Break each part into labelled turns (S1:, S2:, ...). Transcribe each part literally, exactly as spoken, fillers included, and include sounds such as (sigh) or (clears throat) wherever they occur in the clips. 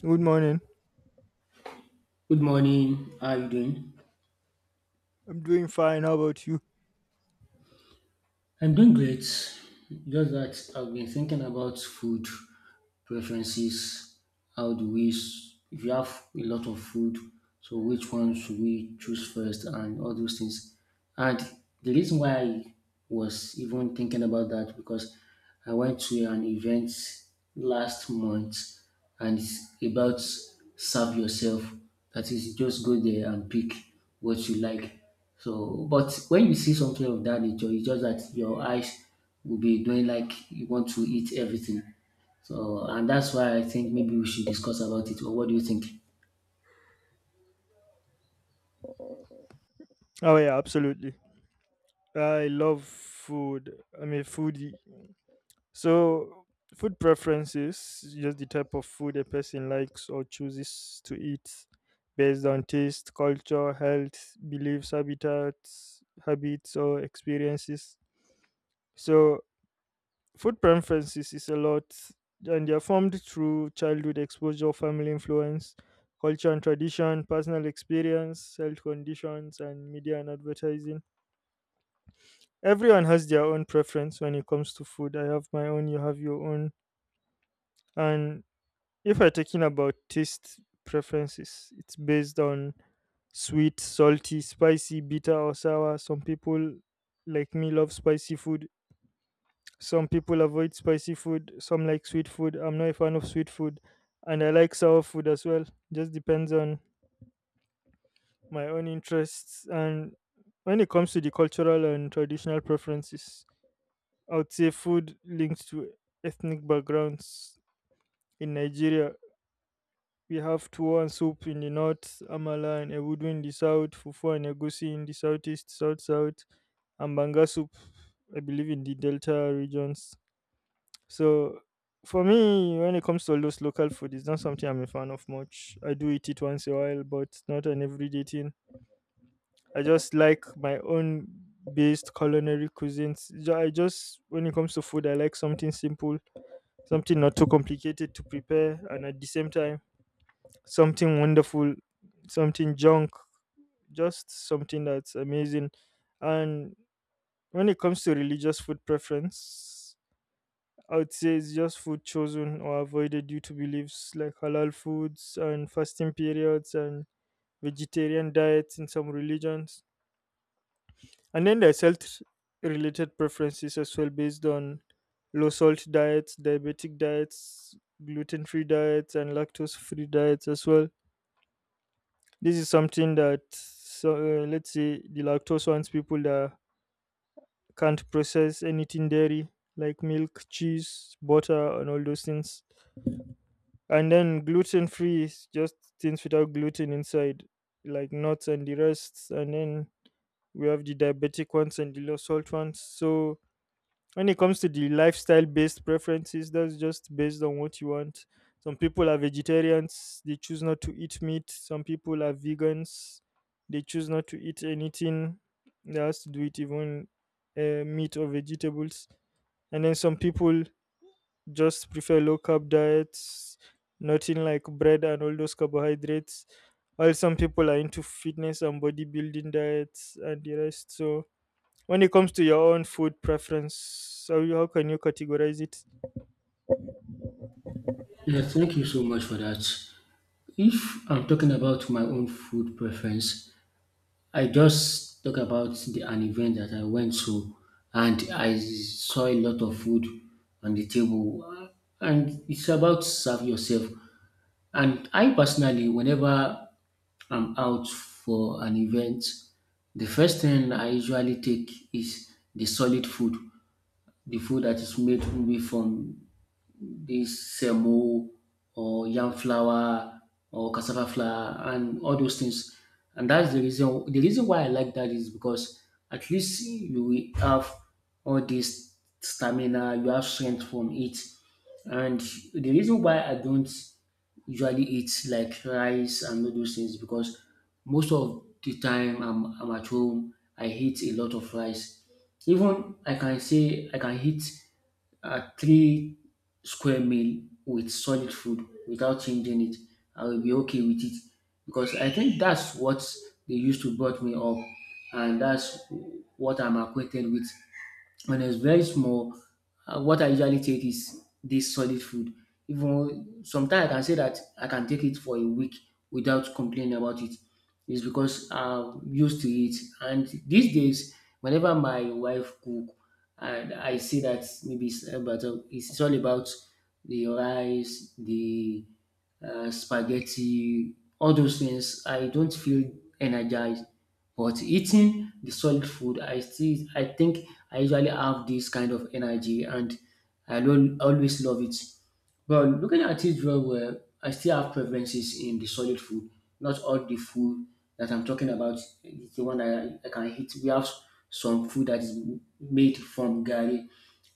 S1: Good morning.
S2: Good morning. How are you doing?
S1: I'm doing fine. How about you?
S2: I'm doing great. Just that I've been thinking about food preferences. How do we, s- If you have a lot of food, so which one should we choose first and all those things? And the reason why I was even thinking about that because I went to an event last month and it's about serve yourself. That is, just go there and pick what you like. So, but when you see something of that nature, it's just that your eyes will be doing like you want to eat everything. So, and that's why I think maybe we should discuss about it. Or what do you think?
S1: Oh, yeah, absolutely. I love food. I'm a foodie. So, Food preferences is just the type of food a person likes or chooses to eat based on taste, culture, health, beliefs, habitats, habits, or experiences. So, Food preferences is a lot, and they are formed through childhood exposure, family influence, culture and tradition, personal experience, health conditions, and media and advertising. Everyone has their own preference when it comes to food. I have my own, you have your own. And if we're talking about taste preferences, it's based on sweet, salty, spicy, bitter, or sour. Some people like me love spicy food. Some people avoid spicy food, some like sweet food. I'm not a fan of sweet food, and I like sour food as well. Just depends on my own interests, and when it comes to the cultural and traditional preferences, I would say food linked to ethnic backgrounds. In Nigeria, we have tuwo and soup in the north, amala and ewudu in the south, fufu and egusi in the southeast, south south, and banga soup, I believe, in the delta regions. So for me, when it comes to all those local food, it's not something I'm a fan of much. I do eat it once in a while, but not an everyday thing. I just like my own based culinary cuisines. Ju- I just, when it comes to food, I like something simple, something not too complicated to prepare, and at the same time, something wonderful, something junk, just something that's amazing. And when it comes to religious food preference, I would say it's just food chosen or avoided due to beliefs like halal foods and fasting periods and vegetarian diets in some religions. And then there's health related preferences as well, based on low salt diets, diabetic diets, gluten free diets, and lactose free diets as well. This is something that, so, uh, let's say, the lactose ones, people that can't process anything dairy like milk, cheese, butter, and all those things. And then gluten free is just things without gluten inside, like nuts and the rest. And then we have the diabetic ones and the low salt ones. So when it comes to the lifestyle based preferences, that's just based on what you want. Some people are vegetarians, they choose not to eat meat. Some people are vegans, they choose not to eat anything that has to do with even uh, meat or vegetables. And then some people just prefer low carb diets, nothing like bread and all those carbohydrates. While some people are into fitness and bodybuilding diets and the rest. So, when it comes to your own food preference, how, you- how can you categorize it?
S2: Yeah, thank you so much for that. If I'm talking about my own food preference, I just talk about the an event that I went to, and I saw a lot of food on the table, and it's about serve yourself. And I personally, whenever I'm out for an event, the first thing I usually take is the solid food, the food that is made maybe from this semo or yam flour or cassava flour and all those things. And that's the reason the reason why I like that is because at least you will have all this stamina, you have strength from it. And the reason why I don't usually eat like rice and all those things because most of the time I'm, I'm at home, I eat a lot of rice. Even I can say I can eat uh, three square meal with solid food without changing it. I will be okay with it because I think that's what they used to brought me up, and that's what I'm acquainted with. When it's very small, uh, what I usually take is this solid food. Even sometimes I can say that I can take it for a week without complaining about it. It's because I'm used to it. And these days, whenever my wife cook, and I see that maybe it's about it's all about the rice, the uh, spaghetti, all those things, I don't feel energized. But eating the solid food, I still, I think I usually have this kind of energy, and I don't always love it. But looking at it very well, I still have preferences in the solid food. Not all the food that I'm talking about is the one that I, I can eat. We have some food that is made from gari.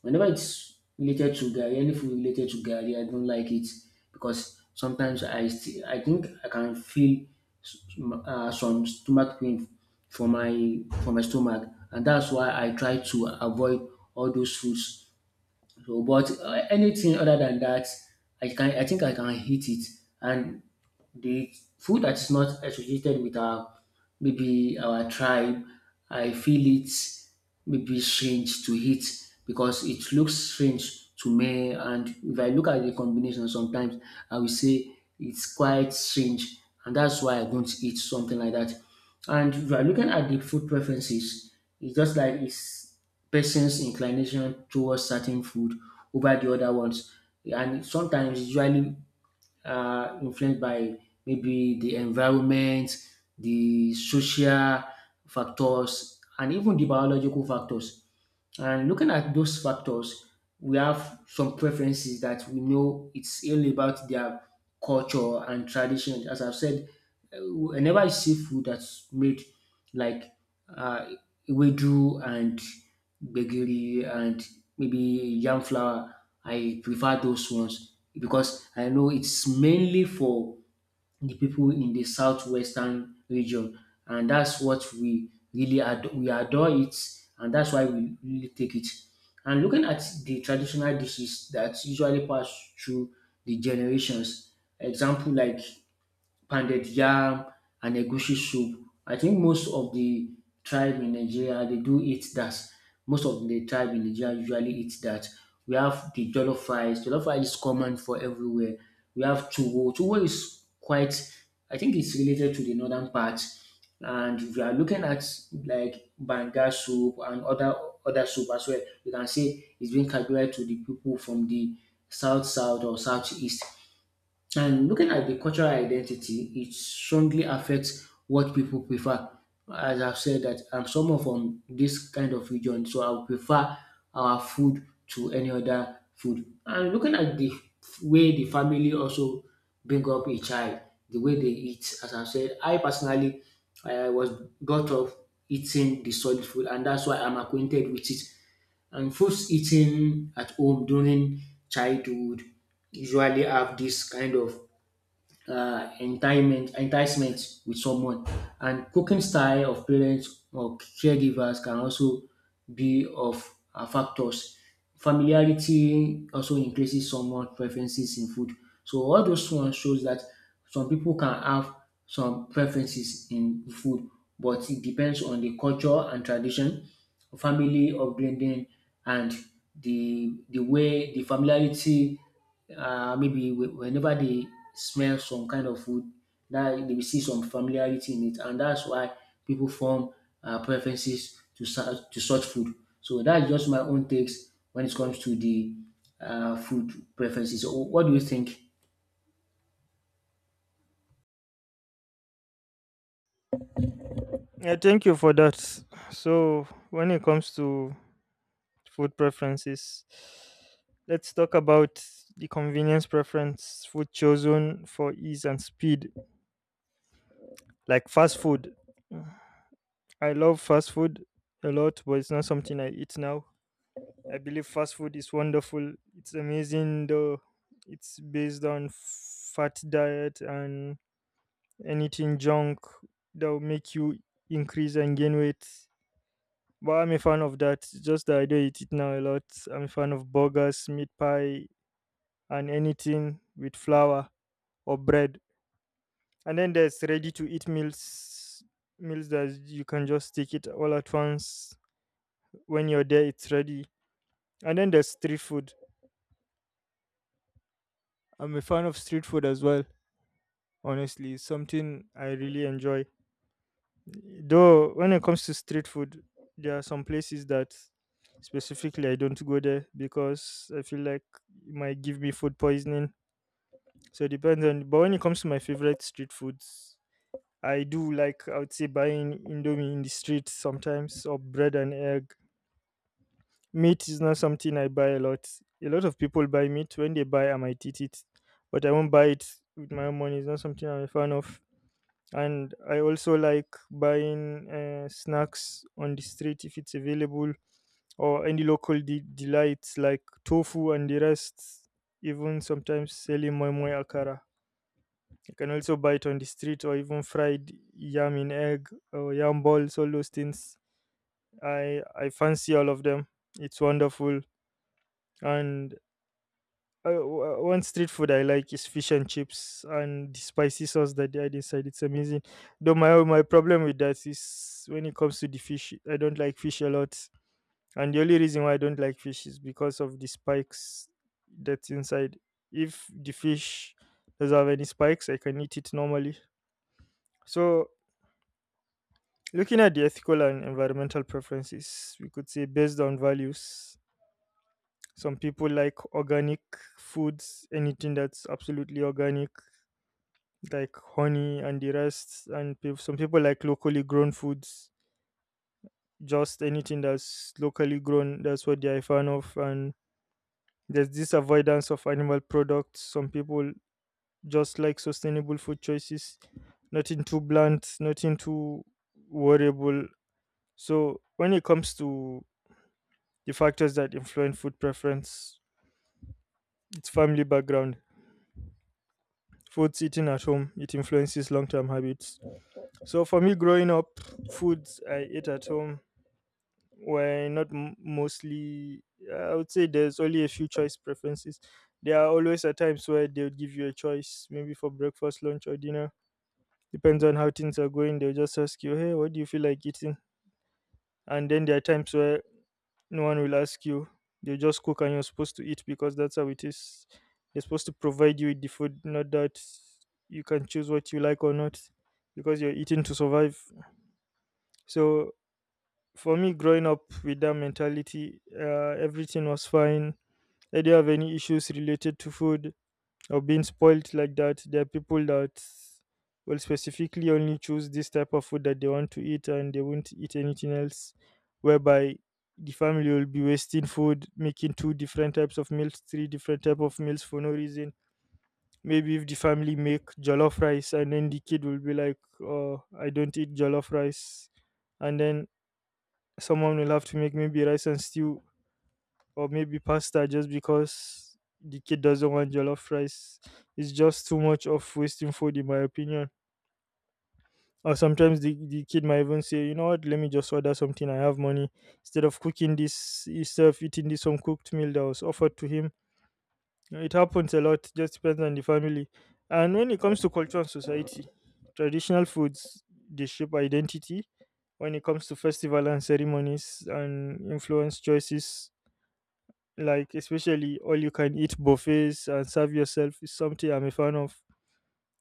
S2: Whenever it's related to garri, any food related to garri, I don't like it because sometimes I still, I think I can feel s- uh, some stomach pain for my for my stomach, and that's why I try to avoid all those foods. So, but uh, anything other than that, I can I think I can eat it, and the food that is not associated with our maybe our tribe, I feel it maybe strange to eat because it looks strange to me. And if I look at the combination sometimes, I will say it's quite strange. And that's why I don't eat something like that. And if you are looking at the food preferences, it's just like it's person's inclination towards certain food over the other ones. And sometimes usually uh, influenced by maybe the environment, the social factors, and even the biological factors. And looking at those factors, we have some preferences that we know it's all about their culture and tradition. As I've said, uh, whenever I see food that's made like uh, wedu and gbegiri and maybe yam flour, I prefer those ones because I know it's mainly for the people in the southwestern region, and that's what we really ad- we adore it, and that's why we really take it. And looking at the traditional dishes that usually pass through the generations, example like pounded yam and egusi soup. I think most of the tribe in Nigeria they do eat that. Most of the tribe in Nigeria usually eat that. We have the jollof rice. Jollof rice is common for everywhere. We have tuwo. Tuwo is quite. I think it's related to the northern part. And if you are looking at like banga soup and other other soup as well, you can say it's being categorized to the people from the south south or southeast. And looking at the cultural identity, it strongly affects what people prefer. As I've said that I'm someone from this kind of region, so I would prefer our food to any other food. And looking at the f- way the family also bring up a child, the way they eat, as I've said, I personally I was brought up eating the solid food, and that's why I'm acquainted with it. And foods eaten at home during childhood usually have this kind of uh, enticement, enticement with someone. And cooking style of parents or caregivers can also be of uh, factors. Familiarity also increases someone's preferences in food. So all those ones shows that some people can have some preferences in food, but it depends on the culture and tradition, family upbringing, and the the way the familiarity uh, maybe whe- whenever they smell some kind of food, that they will see some familiarity in it, and that's why people form uh, preferences to such to such food. So that's just my own takes when it comes to the uh, food preferences. So what do you think?
S1: Yeah, thank you for that. So, when it comes to food preferences, let's talk about the convenience preference, food chosen for ease and speed. Like fast food. Mm, I love fast food a lot, but it's not something I eat now. I believe fast food is wonderful. It's amazing though. It's based on fat diet and anything junk that will make you increase and gain weight. But I'm a fan of that. It's just that I don't eat it now a lot. I'm a fan of burgers, meat pie, and anything with flour or bread. And then there's ready to eat meals, meals that you can just take it all at once when you're there, it's ready. And then there's street food. I'm a fan of street food as well. Honestly, it's something I really enjoy, though when it comes to street food, there are some places that specifically I don't go there because I feel like it might give me food poisoning. So it depends on, but when it comes to my favorite street foods, I do like, I would say, buying indomie in the street sometimes, or bread and egg. Meat is not something I buy a lot. A lot of people buy meat. When they buy, I might eat it, but I won't buy it with my own money. It's not something I'm a fan of. And I also like buying uh, snacks on the street if it's available, or any local de- delights like tofu and the rest. Even sometimes selling moi moi akara. You can also buy it on the street, or even fried yam in egg or yam balls. All those things. I I fancy all of them. It's wonderful. And Uh, w- uh, one street food I like is fish and chips and the spicy sauce that they add inside. It's amazing. Though my my problem with that is when it comes to the fish, I don't like fish a lot, and the only reason why I don't like fish is because of the spikes that's inside. If the fish doesn't have any spikes, I can eat it normally. So, looking at the ethical and environmental preferences, we could say based on values. Some people like organic foods, anything that's absolutely organic like honey and the rest. And peop some people like locally grown foods, just anything that's locally grown, that's what they're a fan of. And there's this avoidance of animal products. Some people just like sustainable food choices, nothing too blunt, nothing too worryable. So when it comes to the factors that influence food preference, it's family background. Foods eaten at home, it influences long-term habits. So for me growing up, foods I ate at home were not m- mostly, I would say there's only a few choice preferences. There are always a times where they will give you a choice, maybe for breakfast, lunch, or dinner. Depends on how things are going, they'll just ask you, hey, what do you feel like eating? And then there are times where no one will ask you, they will just cook and you're supposed to eat because that's how it is. They're supposed to provide you with the food, not that you can choose what you like or not, because you're eating to survive. So for me growing up with that mentality, uh, everything was fine. I didn't have any issues related to food or being spoiled like that. There are people that will specifically only choose this type of food that they want to eat and they won't eat anything else, whereby the family will be wasting food, making two different types of meals, three different type of meals for no reason. Maybe if the family make jollof rice, and then the kid will be like, oh, I don't eat jollof rice, and then someone will have to make maybe rice and stew, or maybe pasta, just because the kid doesn't want jollof rice. It's just too much of wasting food, in my opinion. Or sometimes the, the kid might even say, you know what, let me just order something. I have money. Instead of cooking this yourself, eating this uncooked meal that was offered to him. It happens a lot, just depends on the family. And when it comes to culture and society, traditional foods, they shape identity when it comes to festival and ceremonies, and influence choices, like especially all you can eat buffets and serve yourself is something I'm a fan of.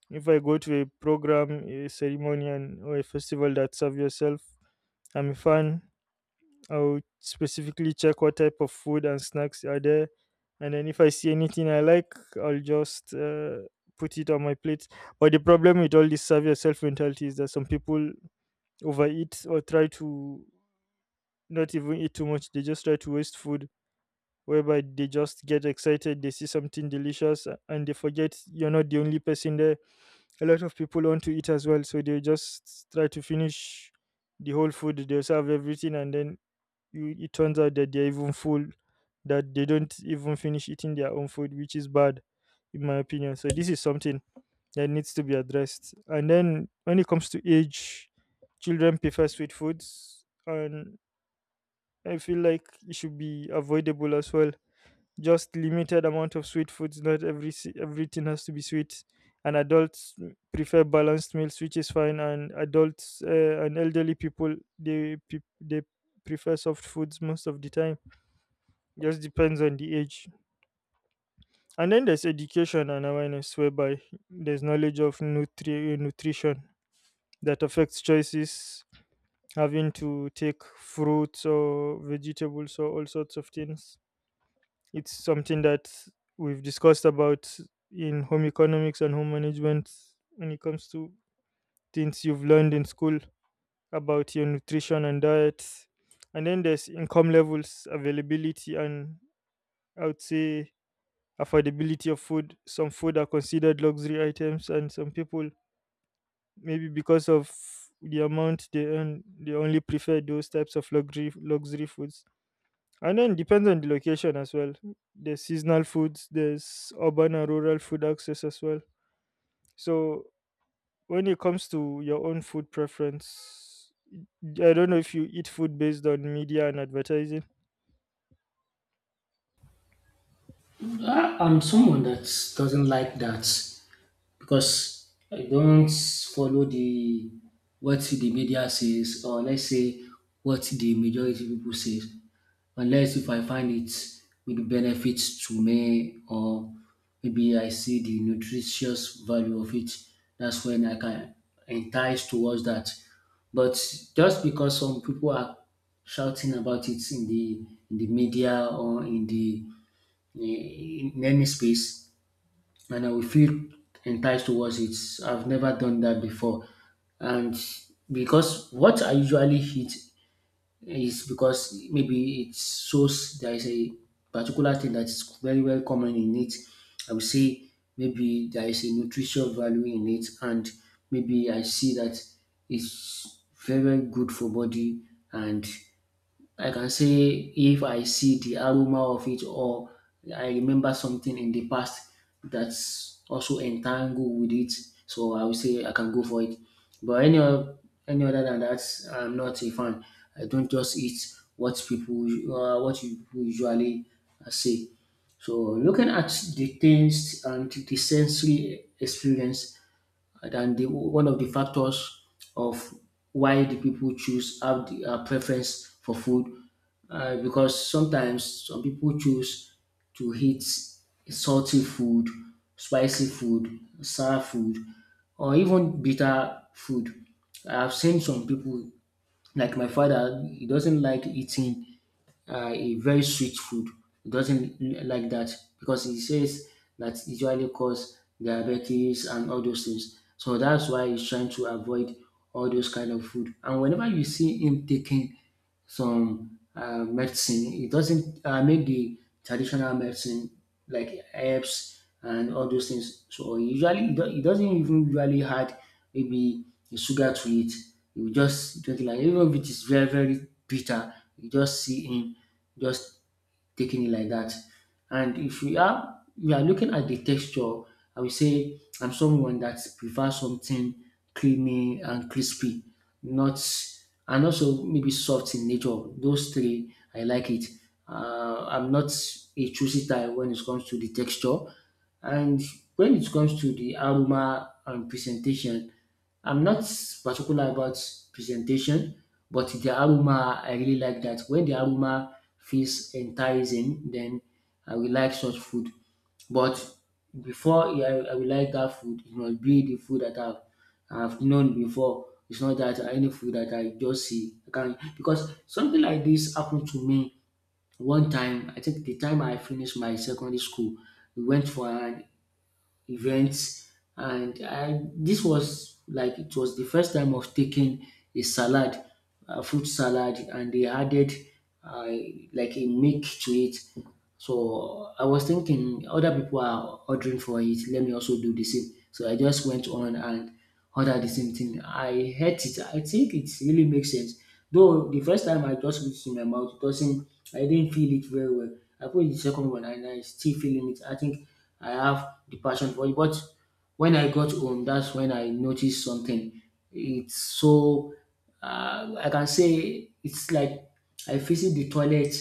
S1: If I go to a program, a ceremony, and or a festival that serve yourself, I'm a fan. I'll specifically check what type of food and snacks are there, and then if I see anything I like, I'll just uh, put it on my plate. But the problem with all this serve yourself mentality is that some people overeat or try to not even eat too much. They just try to waste food, whereby they just get excited, they see something delicious, a- and they forget you're not the only person there. A lot of people want to eat as well, so they just try to finish the whole food, they serve everything, and then you, it turns out that they're even full, that they don't even finish eating their own food, which is bad, in my opinion. So, this is something that needs to be addressed. And then when it comes to age, children prefer sweet foods, and I feel like it should be avoidable as well, just limited amount of sweet foods, not every si- everything has to be sweet. And adults prefer balanced meals, which is fine. And adults uh, and elderly people, they pe- they prefer soft foods most of the time. Just depends on the age. And then there's education and awareness, whereby there's knowledge of nutri- nutrition that affects choices, having to take fruits or vegetables or all sorts of things. It's something that we've discussed about in home economics and home management, when it comes to things you've learned in school about your nutrition and diet. And then there's income levels, availability, and I would say affordability of food. Some food are considered luxury items, and some people, maybe because of the amount they earn, they only prefer those types of luxury luxury foods. And then depends on the location as well. There's seasonal foods, there's urban and rural food access as well. So when it comes to your own food preference, I don't know if you eat food based on media and advertising.
S2: I- I'm someone that doesn't like that because I don't follow the what the media says, or let's say what the majority people says, unless if I find it with benefits to me or maybe I see the nutritious value of it, that's when I can entice towards that. But just because some people are shouting about it in the in the media or in the in any space, and I will feel enticed towards it. I've never done that before, and because what I usually eat is because maybe it shows there is a particular thing that is very, very common in it. I would say maybe there is a nutritional value in it, and maybe I see that it's very, very good for body, and I can say if I see the aroma of it or I remember something in the past that's also entangled with it, so I will say I can go for it. But any o- any other than that, I'm not a fan. I don't just eat what people u- uh, what you people usually uh, say. So looking at the taste and the sensory experience, and the one of the factors of why the people choose have the uh, preference for food, uh, because sometimes some people choose to eat salty food, spicy food, sour food, or even bitter food. I've seen some people like my father; he doesn't like eating uh, a very sweet food. He doesn't l- like that because he says that usually cause diabetes and all those things. So that's why he's trying to avoid all those kind of food. And whenever you see him taking some uh, medicine. It doesn't uh, make the traditional medicine like herbs and all those things. So usually it do- it doesn't even usually add maybe the sugar to it. You just drink it like even if it is very very bitter, you just see in just taking it like that. And if we are we are looking at the texture, I will say I'm someone that prefers something creamy and crispy, not and also maybe soft in nature. Those three, I like it. Uh, I'm not a choosy type when it comes to the texture, and when it comes to the aroma and presentation. I'm not particular about presentation, but the aroma, I really like that. When the aroma feels enticing, then I will like such food. But before I, I will like that food, it must be the food that I've, I've known before. It's not that any food that I just see. I can, because something like this happened to me one time. I think the time I finished my secondary school, we went for an events, and I this was like it was the first time of taking a salad, a fruit salad, and they added uh, like a milk to it. So I was thinking other people are ordering for it. Let me also do the same. So I just went on and all are the same thing. I hate it. I think it really makes sense. Though the first time I just put it in my mouth, it doesn't I didn't feel it very well. I put the second one and I still feeling it. I think I have the passion for it. But when I got home, that's when I noticed something. It's so uh, I can say it's like I visit the toilet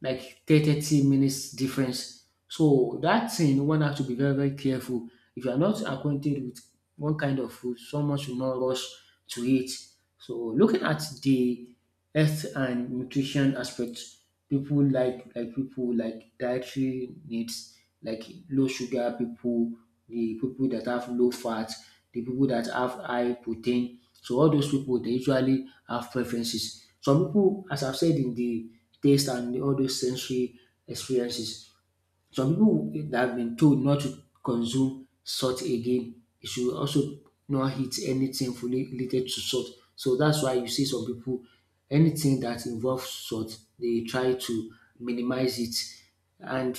S2: like thirty minutes difference. So that thing one have to be very very careful. If you are not acquainted with one kind of food, someone should not rush to it. So looking at the health and nutrition aspects, people like like people like dietary needs, like low sugar people, the people that have low fat, the people that have high protein, so all those people they usually have preferences. Some people, as I've said, in the taste and all those sensory experiences. Some people that have been told not to consume salt again, you should also not eat anything fully related to salt. So that's why you see some people, anything that involves salt, they try to minimize it. And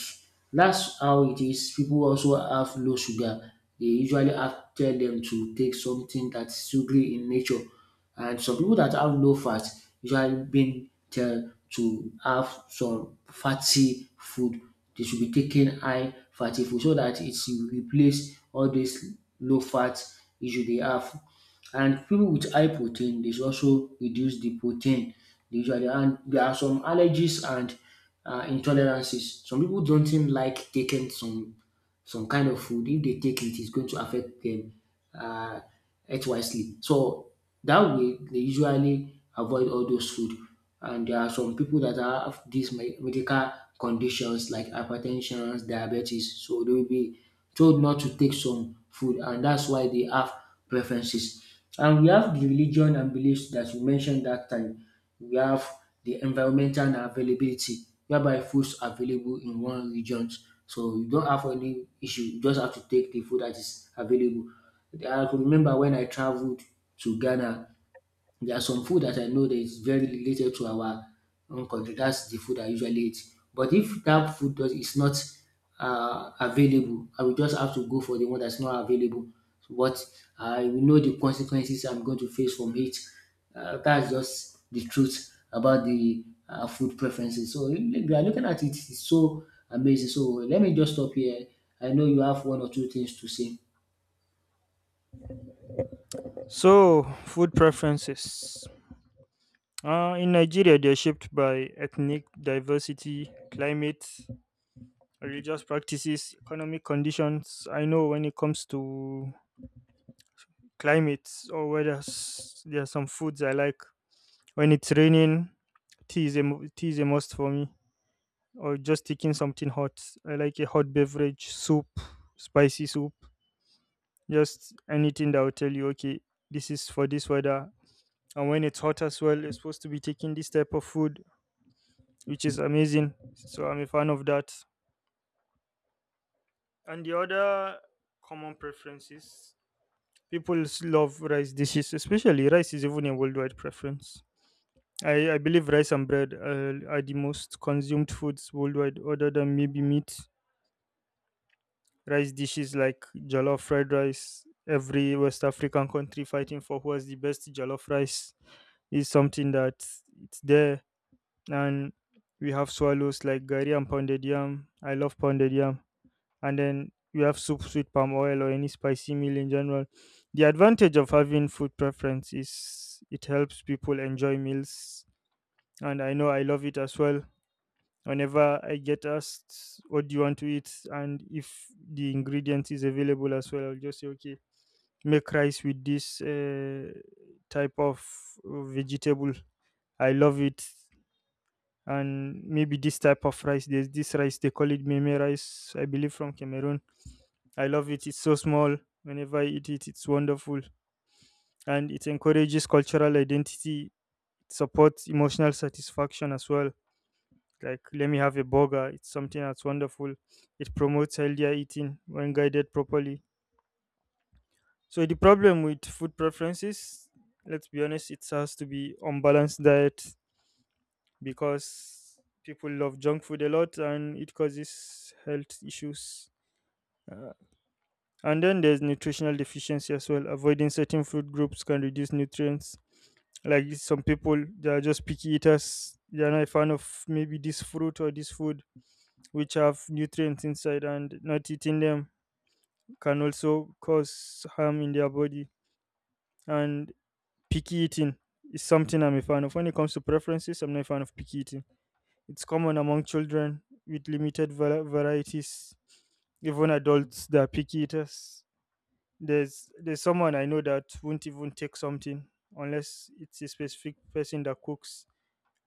S2: that's how it is. People also have low sugar. They usually have tell them to take something that's sugary in nature. And some people that have low fat usually being tell to have some fatty food. They should be taking high fatty food so that it will replace all this low fat issue they have. And people with high protein, they should also reduce the protein they usually. And there are some allergies and uh, intolerances. Some people don't even like taking some some kind of food. If they take it, it's going to affect them uh, health wisely. So that way, they usually avoid all those food. And there are some people that have these me- medical conditions like hypertension, diabetes. So they will be told not to take some food, and that's why they have preferences. And we have the religion and beliefs that you mentioned that time. We have the environmental availability whereby foods are available in one region. So you don't have any issue, you just have to take the food that is available. I could remember when I traveled to Ghana, there are some food that I know that is very related to our own country. That's the food I usually eat. But if that food does, is not uh, available, I will just have to go for the one that's not available. But I will know the consequences I'm going to face from it. Uh, that's just the truth about the uh, food preferences. So we are looking at it, it's so amazing. So let me just stop here. I know you have one or two things to say.
S1: So food preferences. Uh, in Nigeria, they're shaped by ethnic diversity, climate, religious practices, economic conditions. I know when it comes to climate or weather, s- there are some foods I like. When it's raining, tea is a mu- tea is a must for me, or just taking something hot. I like a hot beverage, soup, spicy soup, just anything that will tell you, okay, this is for this weather. And when it's hot as well, you're supposed to be taking this type of food, which is amazing. So I'm a fan of that. And the other common preferences, people s- love rice dishes, especially rice is even a worldwide preference. I, I believe rice and bread uh, are the most consumed foods worldwide, other than maybe meat. Rice dishes like jollof fried rice, every West African country fighting for who has the best jollof rice is something that it's there. And we have swallows like gari and pounded yam. I love pounded yam. And then we have soups with palm oil or any spicy meal in general. The advantage of having food preference is it helps people enjoy meals. And I know I love it as well whenever I get asked what do you want to eat, and if the ingredient is available as well, I'll just say okay, make rice with this uh, type of uh, vegetable. I love it. And maybe this type of rice, there's this rice, they call it meme rice, I believe from Cameroon. I love it. It's so small. Whenever I eat it, it's wonderful. And it encourages cultural identity, it supports emotional satisfaction as well. Like let me have a burger, it's something that's wonderful. It promotes healthier eating when guided properly. So the problem with food preferences, let's be honest, it has to be unbalanced diet, because people love junk food a lot and it causes health issues. Uh, and then there's nutritional deficiency as well, avoiding certain food groups can reduce nutrients, like some people they are just picky eaters, they are not a fan of maybe this fruit or this food which have nutrients inside, and not eating them can also cause harm in their body. And picky eating is something I'm a fan of. When it comes to preferences, I'm not a fan of picky eating. It's common among children with limited vari- varieties, even adults that are picky eaters. There's there's someone I know that won't even take something unless it's a specific person that cooks.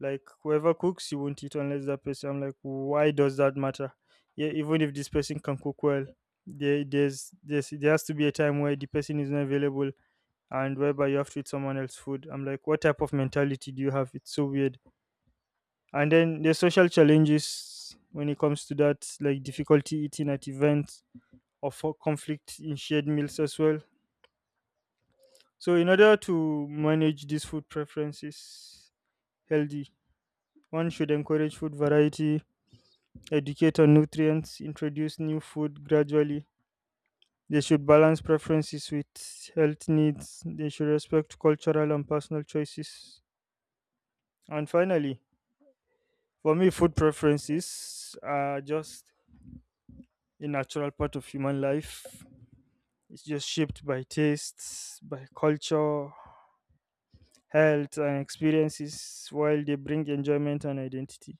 S1: Like whoever cooks, you won't eat unless that person. I'm like, why does that matter? Yeah, even if this person can cook well, there there's there's there has to be a time where the person is not available and whereby you have to eat someone else's food. I'm like, what type of mentality do you have? It's so weird. And then there's social challenges when it comes to that, like difficulty eating at events or for conflict in shared meals as well. So in order to manage these food preferences healthy, one should encourage food variety, educate on nutrients, introduce new food gradually. They should balance preferences with health needs. They should respect cultural and personal choices. And finally, for me, food preferences are just a natural part of human life. It's just shaped by tastes, by culture, health, and experiences, while they bring enjoyment and identity.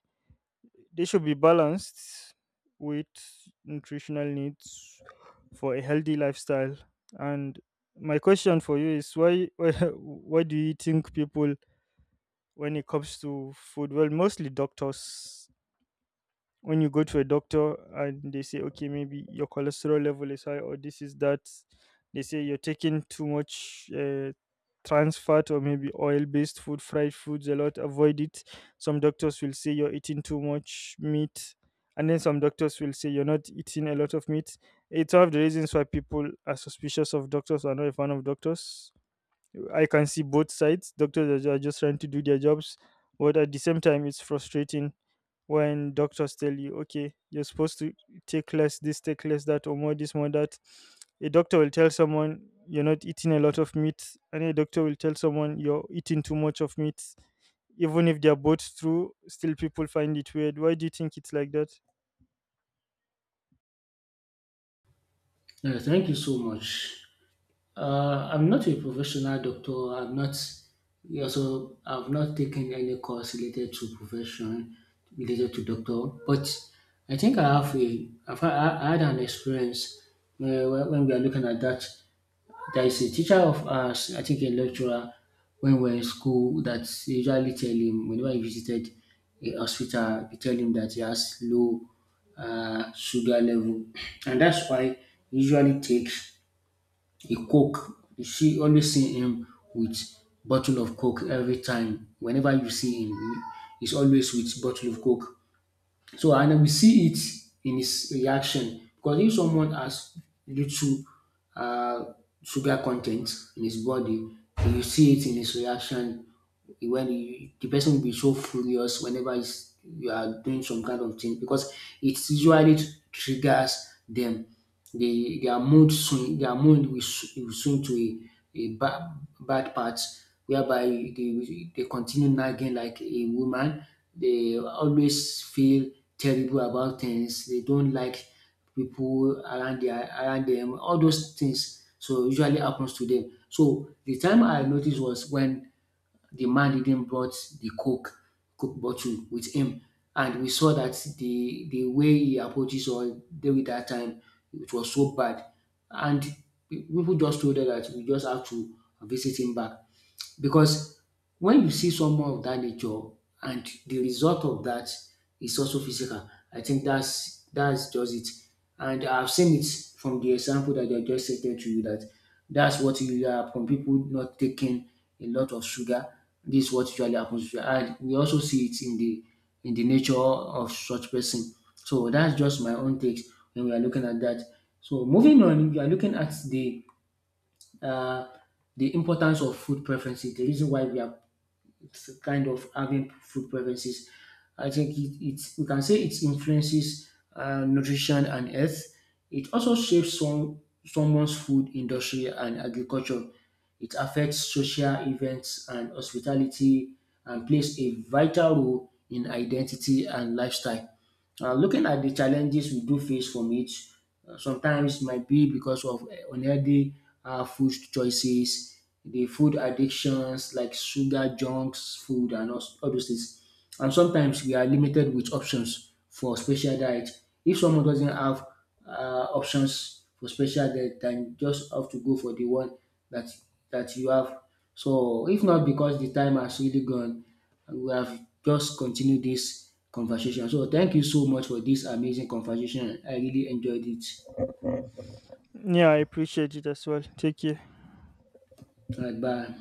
S1: They should be balanced with nutritional needs for a healthy lifestyle. And my question for you is why (laughs) why, why do you think people, when it comes to food, well mostly doctors, when you go to a doctor and they say okay, maybe your cholesterol level is high or this is that, they say you're taking too much uh, trans fat or maybe oil based food, fried foods a lot, avoid it. Some doctors will say you're eating too much meat, and then some doctors will say you're not eating a lot of meat. It's one of the reasons why people are suspicious of doctors or not a fan of doctors. I can see both sides. Doctors are just trying to do their jobs, but at the same time, it's frustrating when doctors tell you, okay, you're supposed to take less this, take less that, or more this, more that. A doctor will tell someone you're not eating a lot of meat, and a doctor will tell someone you're eating too much of meat. Even if they're both true, still people find it weird. Why do you think it's like that?
S2: Uh, thank you so much. Uh, I'm not a professional doctor. I'm not, yeah. So I've not taken any course related to profession related to doctor, but I think I have a I've had, I had an experience where, when when we are looking at that. There is a teacher of us, I think a lecturer, when we are in school that usually tell him whenever he visited a hospital, we tell him that he has low uh, sugar level, (clears throat) and that's why he usually takes a coke. She always see him with bottle of coke every time. Whenever you see him, he's always with bottle of coke. So and we see it in his reaction because if someone has little uh, sugar content in his body, you see it in his reaction when you, the person will be so furious whenever it's, you are doing some kind of thing because it usually triggers them. They, their mood swing, their mood will, sw- will swing to a, a bad, bad part whereby they, will- they continue nagging like a woman. They always feel terrible about things. They don't like people around their around them, all those things. So usually happens to them. So the time I noticed was when the man didn't brought the coke coke bottle with him and we saw that the the way he approaches or deal with that time it was so bad. And pe- people just told us that we just have to visit him back, because when you see someone of that nature and the result of that is also physical, I think that's that's just it. And I've seen it from the example that I just stated to you, that that's what usually happens. People not taking a lot of sugar, this is what usually happens to you. And we also see it in the in the nature of such person. So that's just my own takes when we are looking at that. So moving on, we are looking at the uh, the importance of food preferences, the reason why we are kind of having food preferences. I think it, it's we can say it influences uh, nutrition and health. It also shapes some someone's food industry and agriculture. It affects social events and hospitality and plays a vital role in identity and lifestyle. Uh, looking at the challenges we do face from it, uh, sometimes it might be because of uh, unhealthy uh, food choices, the food addictions like sugar, junks, food, and all, all those things. And sometimes we are limited with options for special diet. If someone doesn't have uh, options for special diet, then just have to go for the one that that you have. So if not because the time has really gone, we have just continued this conversation. So thank you so much for this amazing conversation. I really enjoyed it.
S1: Yeah, I appreciate it as well. Take care.
S2: All right, bye.